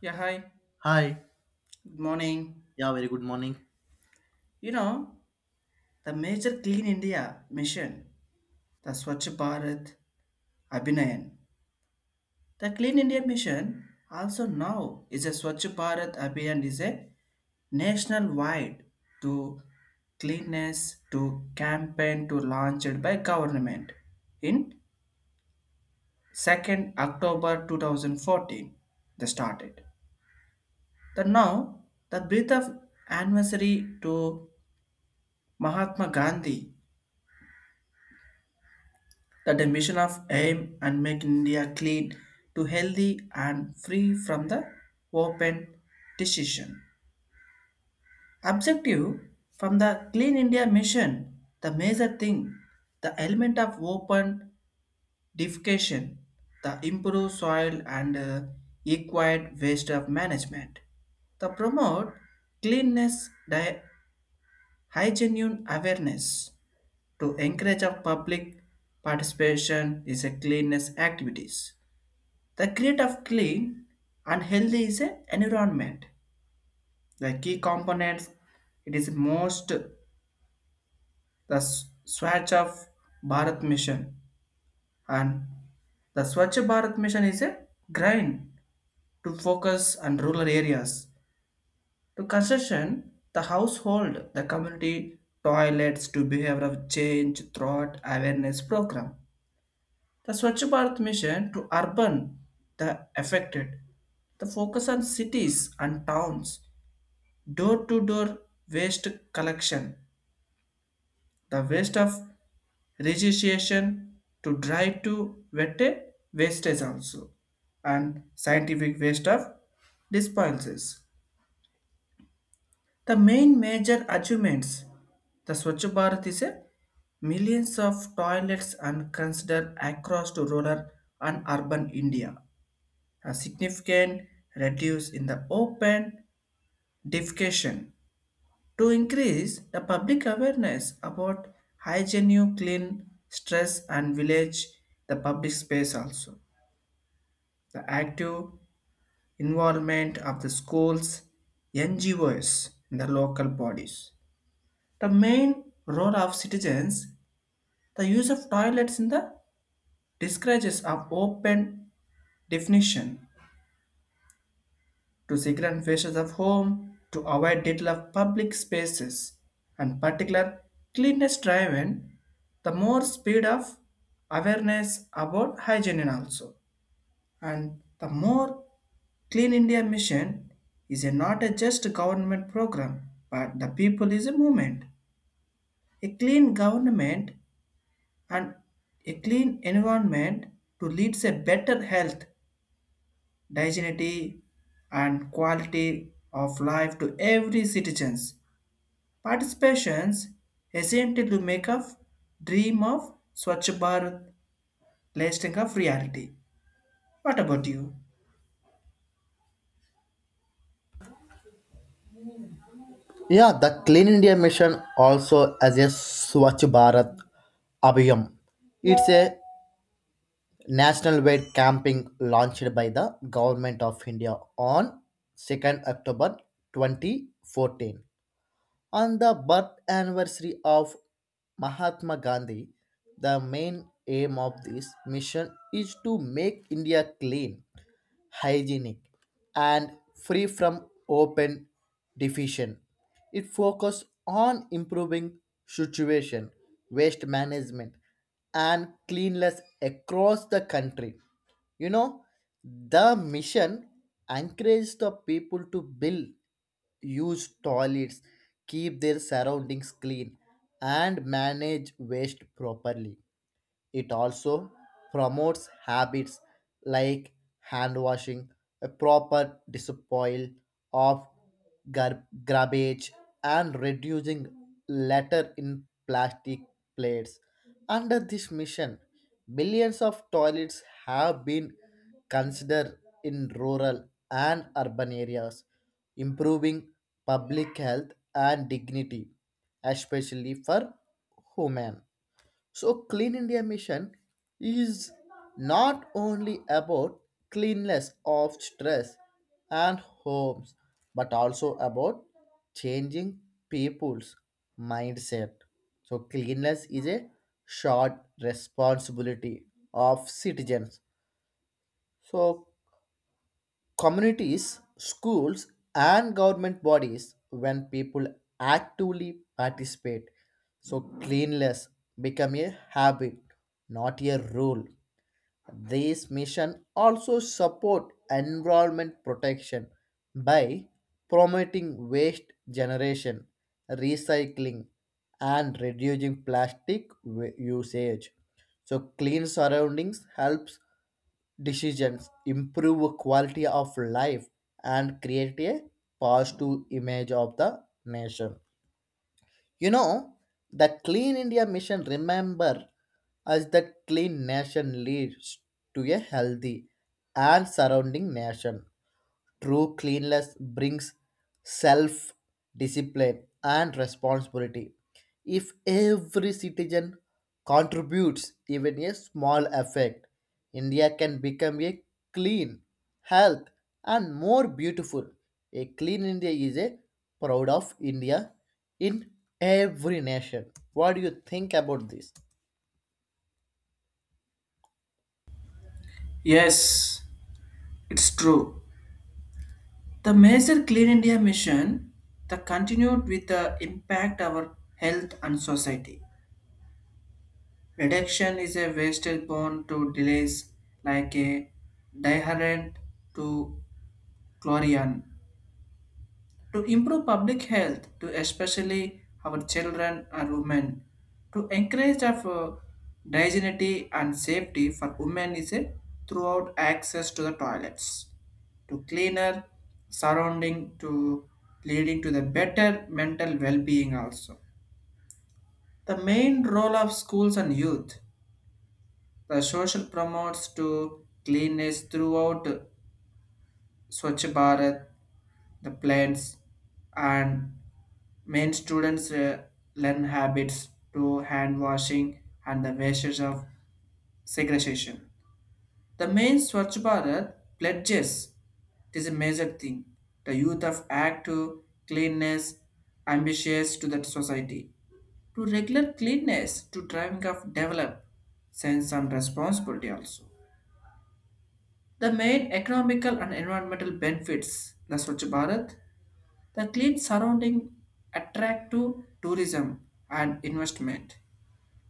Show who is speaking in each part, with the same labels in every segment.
Speaker 1: Yeah, hi.
Speaker 2: Hi.
Speaker 1: Good morning.
Speaker 2: Yeah, very good morning.
Speaker 1: You know, the major Clean India mission, the Swachh Bharat Abhinayan. The Clean India mission also now is a Swachh Bharat Abhinayan is a national wide to cleanness to campaign to launched by government in 2nd October 2014. They started. The now the birth of anniversary to Mahatma Gandhi that a mission of aim and make India clean to healthy and free from the open decision. Objective from the Clean India mission, the major thing, the element of open defecation, the improved soil and equid waste of management, the promote cleanness, hygiene awareness to encourage of public participation is a cleanness activities. The create of clean and healthy is an environment. The key components, it is most the Swachh of Bharat mission, and the Swachh Bharat mission is a grind to focus on rural areas, to construction the household, the community toilets to behavior of change throughout awareness program. The Swachh Bharat mission to urban, the affected, the focus on cities and towns, door to door waste collection, the waste of registration to drive to wet wastage also, and scientific waste of disposals. The main major achievements, the Swachh Bharat is a millions of toilets and considered across to rural and urban India. A significant reduce in the open defecation to increase the public awareness about hygiene, clean, stress, and village, the public space also. The active involvement of the schools, NGOs, and the local bodies. The main role of citizens, the use of toilets in the discourages of open definition to secret faces of home, to avoid detail of public spaces, and particular cleanness driven, the more speed of awareness about hygiene and also. And the more Clean India mission is a not a just government program, but the people is a movement. A clean government and a clean environment to leads a better health, dignity, and quality of life to every citizens. Participations essential to make up dream of Swachh Bharat lasting of reality. What about you?
Speaker 2: Yeah, the Clean India Mission also as a Swachh Bharat Abhiyam. It's a national wide camping launched by the government of India on 2nd October 2014. On the birth anniversary of Mahatma Gandhi, the main aim of this mission is to make India clean hygienic, and free from open defecation. It focuses on improving situation, waste management, and cleanliness across the country. You know, the mission encourages the people to build, use toilets, keep their surroundings clean, and manage waste properly. It also promotes habits like hand washing, a proper disposal of garbage, and reducing litter in plastic plates. Under this mission, millions of toilets have been considered in rural and urban areas, improving public health and dignity, especially for women. So, Clean India Mission is not only about cleanliness of stress and homes, but also about changing people's mindset. So, cleanliness is a shared responsibility of citizens. So, communities, schools, and government bodies when people actively participate. So, cleanliness become a habit, not a rule. These missions also support environment protection by promoting waste generation, recycling, and reducing usage. So clean surroundings helps decisions improve quality of life and create a positive image of the nation. You know, the Clean India Mission remember us that clean nation leads to a healthy and surrounding nation. True cleanliness brings self discipline and responsibility. If every citizen contributes even a small effect, India can become a clean, health, and more beautiful. A clean India is a proud of India in every nation. What do you think about this?
Speaker 1: Yes, it's true. The major Clean India mission that continued with the impact our health and society. Reduction is a wasted born to delays like a diarrhea to chlorian to improve public health to especially our children and women to encourage of dignity and safety for women is a throughout access to the toilets to cleaner surrounding to leading to the better mental well-being also. The main role of schools and youth, the social promotes to cleanness throughout Swachh Bharat, the plans, and main students learn habits to hand washing and the wastes of segregation. The main Swachh Bharat pledges, it is a major thing. The youth of act to cleanness, ambitious to that society. To regular cleanness, to driving of develop, sense and responsibility also. The main economical and environmental benefits the Swachh Bharat. The clean surrounding attract to tourism and investment,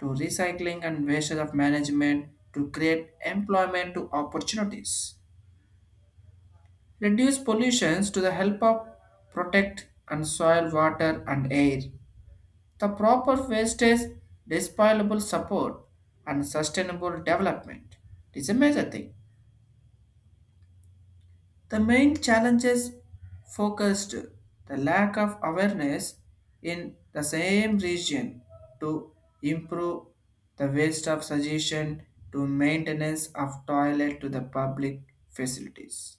Speaker 1: to recycling and wastage of management, to create employment to opportunities, reduce pollutions to the help of protect and soil, water and air. The proper wastage, disposable support and sustainable development. It is a major thing. The main challenges focused the lack of awareness in the same region to improve the waste of suggestion to maintenance of toilet to the public facilities.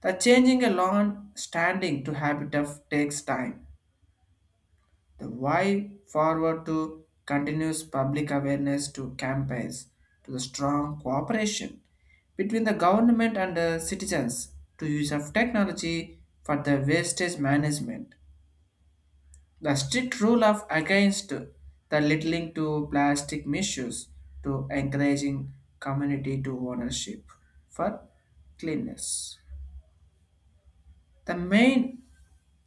Speaker 1: The changing a lawn standing to habitat takes time, the why forward to continuous public awareness to campaigns, to the strong cooperation between the government and the citizens to use of technology for the wastage management. The strict rule of against the littling to plastic misuse to encouraging community to ownership for cleanness. The main,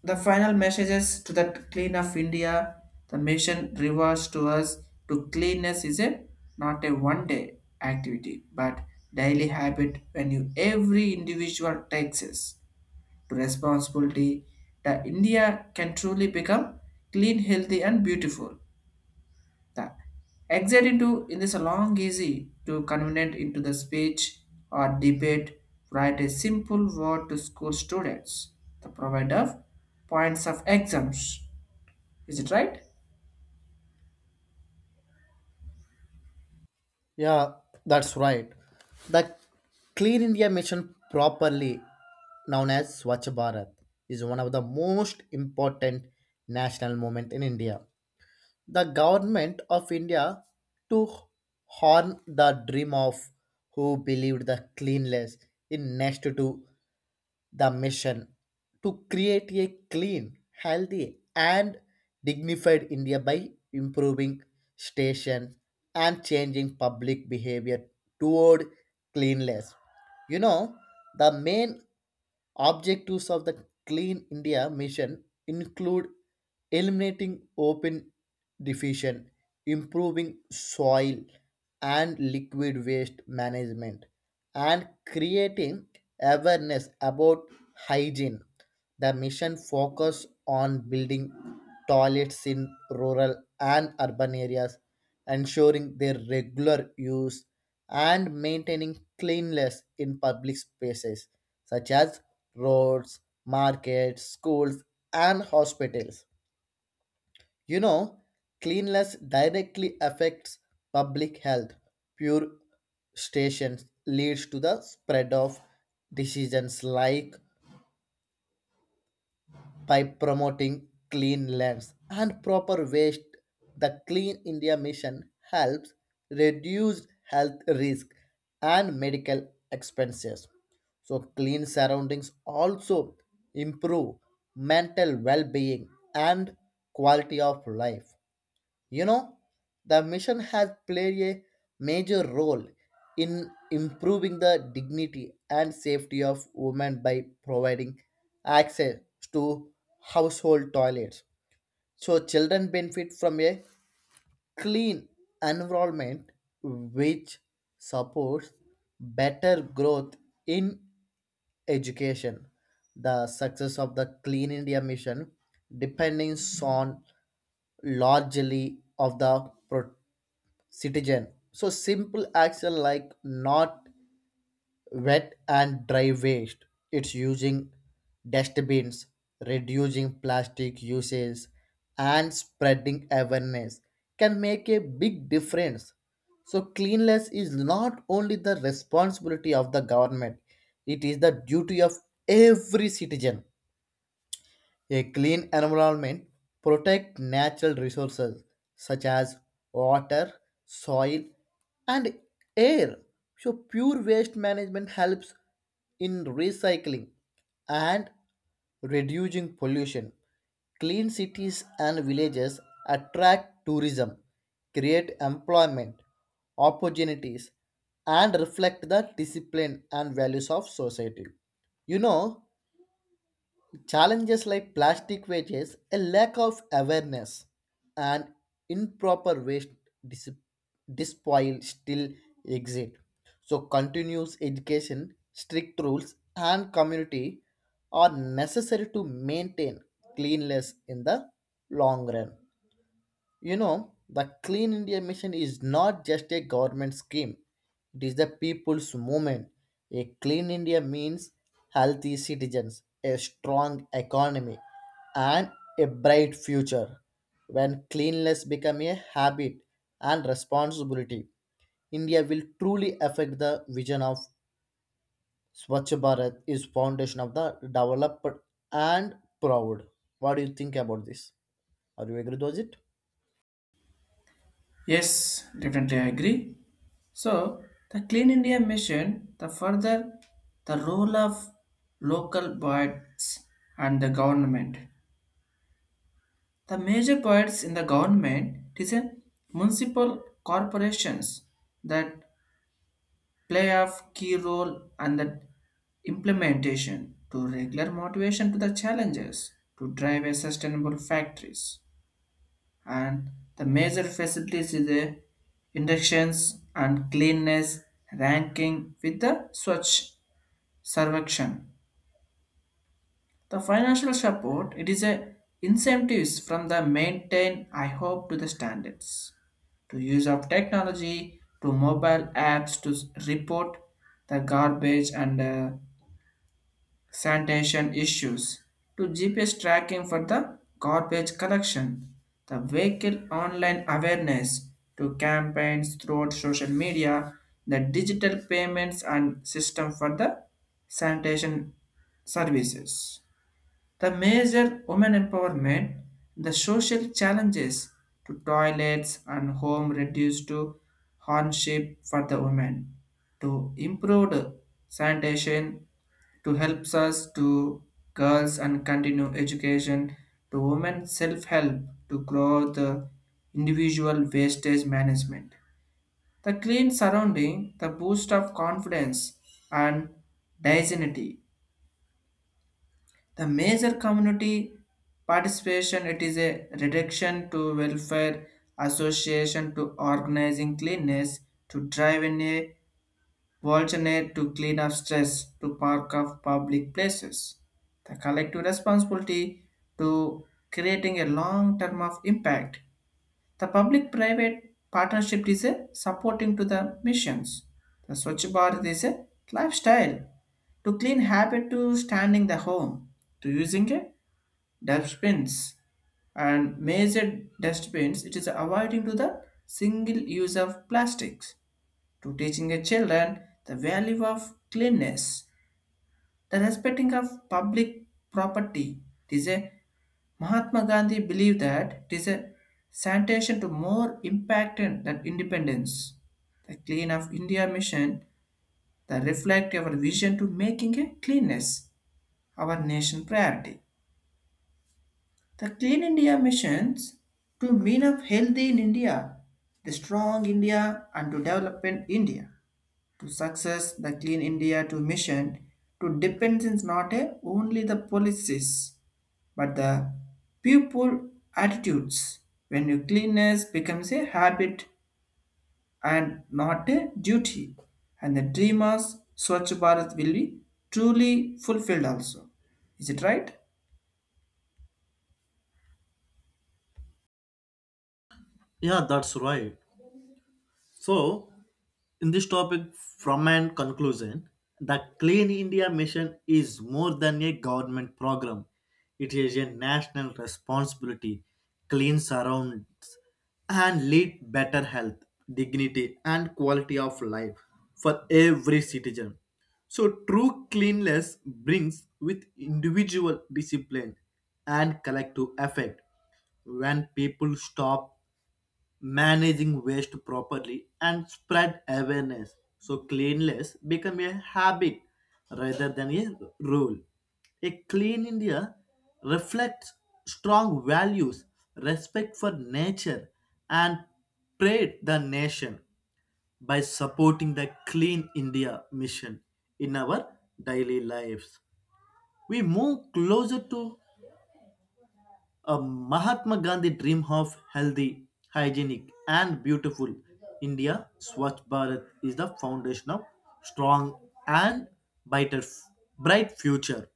Speaker 1: the final messages to the clean of India, the mission rewards to us to cleanness is a not a one day activity but daily habit. When you every individual takes us to responsibility, the India can truly become clean, healthy and beautiful. The exit into in this long easy to convenient into the speech or debate, write a simple word to school students. The provide of points of exams. Is it right?
Speaker 2: Yeah, that's right. The Clean India Mission, properly known as Swachh Bharat, is one of the most important national movement in India the government of India to horn the dream of who believed the cleanliness in next to the mission to create a clean, healthy, and dignified India by improving stations and changing public behavior toward cleanliness. You know, the main Objectives of the Clean India Mission include eliminating open defecation, improving soil and liquid waste management, and creating awareness about hygiene. The mission focused on building toilets in rural and urban areas, ensuring their regular use and maintaining cleanliness in public spaces such as roads, markets, schools, and hospitals. You know, cleanliness directly affects public health. Pure stations leads to the spread of diseases like by promoting clean lands and proper waste. The Clean India Mission helps reduce health risk and medical expenses. So, clean surroundings also improve mental well being and quality of life. You know, the mission has played a major role in improving the dignity and safety of women by providing access to household toilets. So, children benefit from a clean environment which supports better growth in education. The success of the Clean India Mission depends on largely of the citizen. So simple action like not wet and dry waste. It's using dustbins, reducing plastic usage, and spreading awareness can make a big difference. So, cleanliness is not only the responsibility of the government, it is the duty of every citizen. A clean environment protects natural resources such as water, soil, and air. So, pure waste management helps in recycling and reducing pollution. Clean cities and villages attract tourism, create employment opportunities, and reflect the discipline and values of society. You know, Challenges like plastic wages, a lack of awareness, and improper waste dis- disposal still exist. So, continuous education, strict rules, and community are necessary to maintain cleanliness in the long run. You know, the Clean India Mission is not just a government scheme, it is the people's movement. A clean India means healthy citizens, a strong economy, and a bright future. When cleanliness becomes a habit and responsibility, India will truly affect the vision of Swachh Bharat is foundation of the developed and proud. What do you think about this? Are you agree with it?
Speaker 1: Yes, definitely I agree. So the Clean India mission, the further the role of local bodies and the government. The major bodies in the government it is a municipal corporations that play a key role and the implementation to regular motivation to the challenges to drive a sustainable factories, and the major facilities is the inductions and cleanness ranking with the Swatch Sarvakshan. The financial support, it is a incentives from the maintain I hope to the standards, to use of technology to mobile apps to report the garbage and sanitation issues, to GPS tracking for the garbage collection, the vehicle online awareness to campaigns throughout social media, the digital payments and system for the sanitation services. The major women empowerment, the social challenges to toilets and home reduced to hardship for the women, to improved sanitation, to helps us to girls and continue education, to women self-help to grow the individual wastage management. The clean surrounding, the boost of confidence and dignity, the major community participation, it is a reduction to welfare association to organizing cleanness to drive in a alternate to clean up stress to park of public places. The collective responsibility to creating a long term of impact. The public private partnership is a supporting to the missions. The Swachh Bharat is a lifestyle, to clean habit to standing the home, to using a dustbins and major dustbins, it is avoiding to the single use of plastics, to teaching a children the value of cleanness, the respecting of public property. It is a Mahatma Gandhi believed that it is a sanitation to more impactant than independence. The clean of India mission that reflect our vision to making a cleanness our nation priority. The Clean India missions to mean of healthy in India, the strong India and to development India. To success, the Clean India to mission to depends is not a, only the policies but the people attitudes. When your cleanness becomes a habit and not a duty, and the dreamers Swachh Bharat will be truly fulfilled also. Is it right?
Speaker 2: Yeah, that's right. So, in this topic, from an conclusion, the Clean India Mission is more than a government program. It is a national responsibility. Clean surrounds and lead better health, dignity, and quality of life for every citizen. So, true cleanliness brings with individual discipline and collective effect. When people stop managing waste properly and spread awareness so cleanliness become a habit rather than a rule a clean India reflects strong values respect for nature and pride the nation by supporting the Clean India Mission in our daily lives we move closer to Mahatma Gandhi dream of healthy, hygienic, and beautiful India. Swachh Bharat is the foundation of strong and brighter, bright future.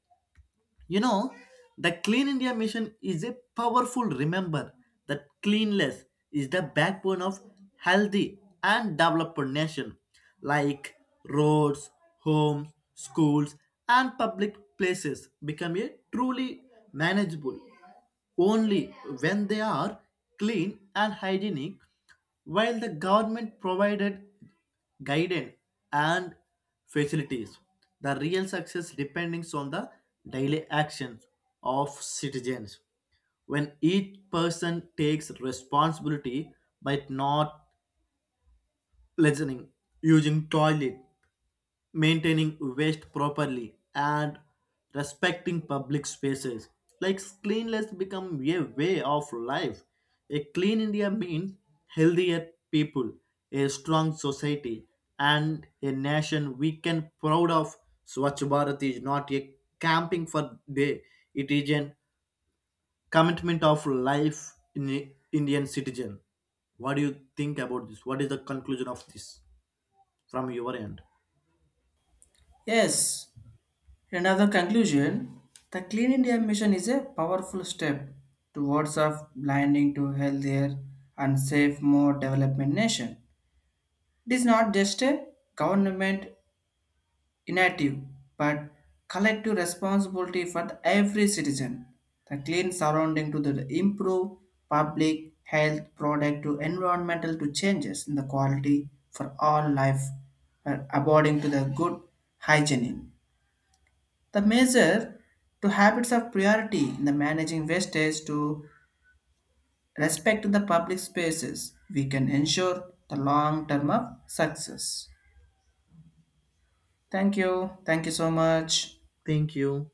Speaker 2: You know, the Clean India Mission is a powerful remember that cleanliness is the backbone of healthy and developed nation, like roads, homes, schools, and public places become a truly manageable only when they are clean and hygienic while the government provided guidance and facilities. The real success depends on the daily actions of citizens. When each person takes responsibility by not listening, using toilet maintaining waste properly and respecting public spaces like cleanliness become a way of life a clean India means healthier people a strong society and a nation we can proud of Swachh Bharat is not a camping for day it is an commitment of life in Indian citizen what do you think about this what is the conclusion of this from your end
Speaker 1: Yes, another conclusion, the Clean India Mission is a powerful step towards of blinding to healthier and safe, more development nation. It is not just a government initiative, but collective responsibility for the every citizen. The clean surrounding to the improve public health, product to environmental to changes in the quality for all life, according to the good hygiene. The measure to habits of priority in the managing wastage to respect the public spaces. We can ensure the long term of success. Thank you. Thank you so much.
Speaker 2: thank you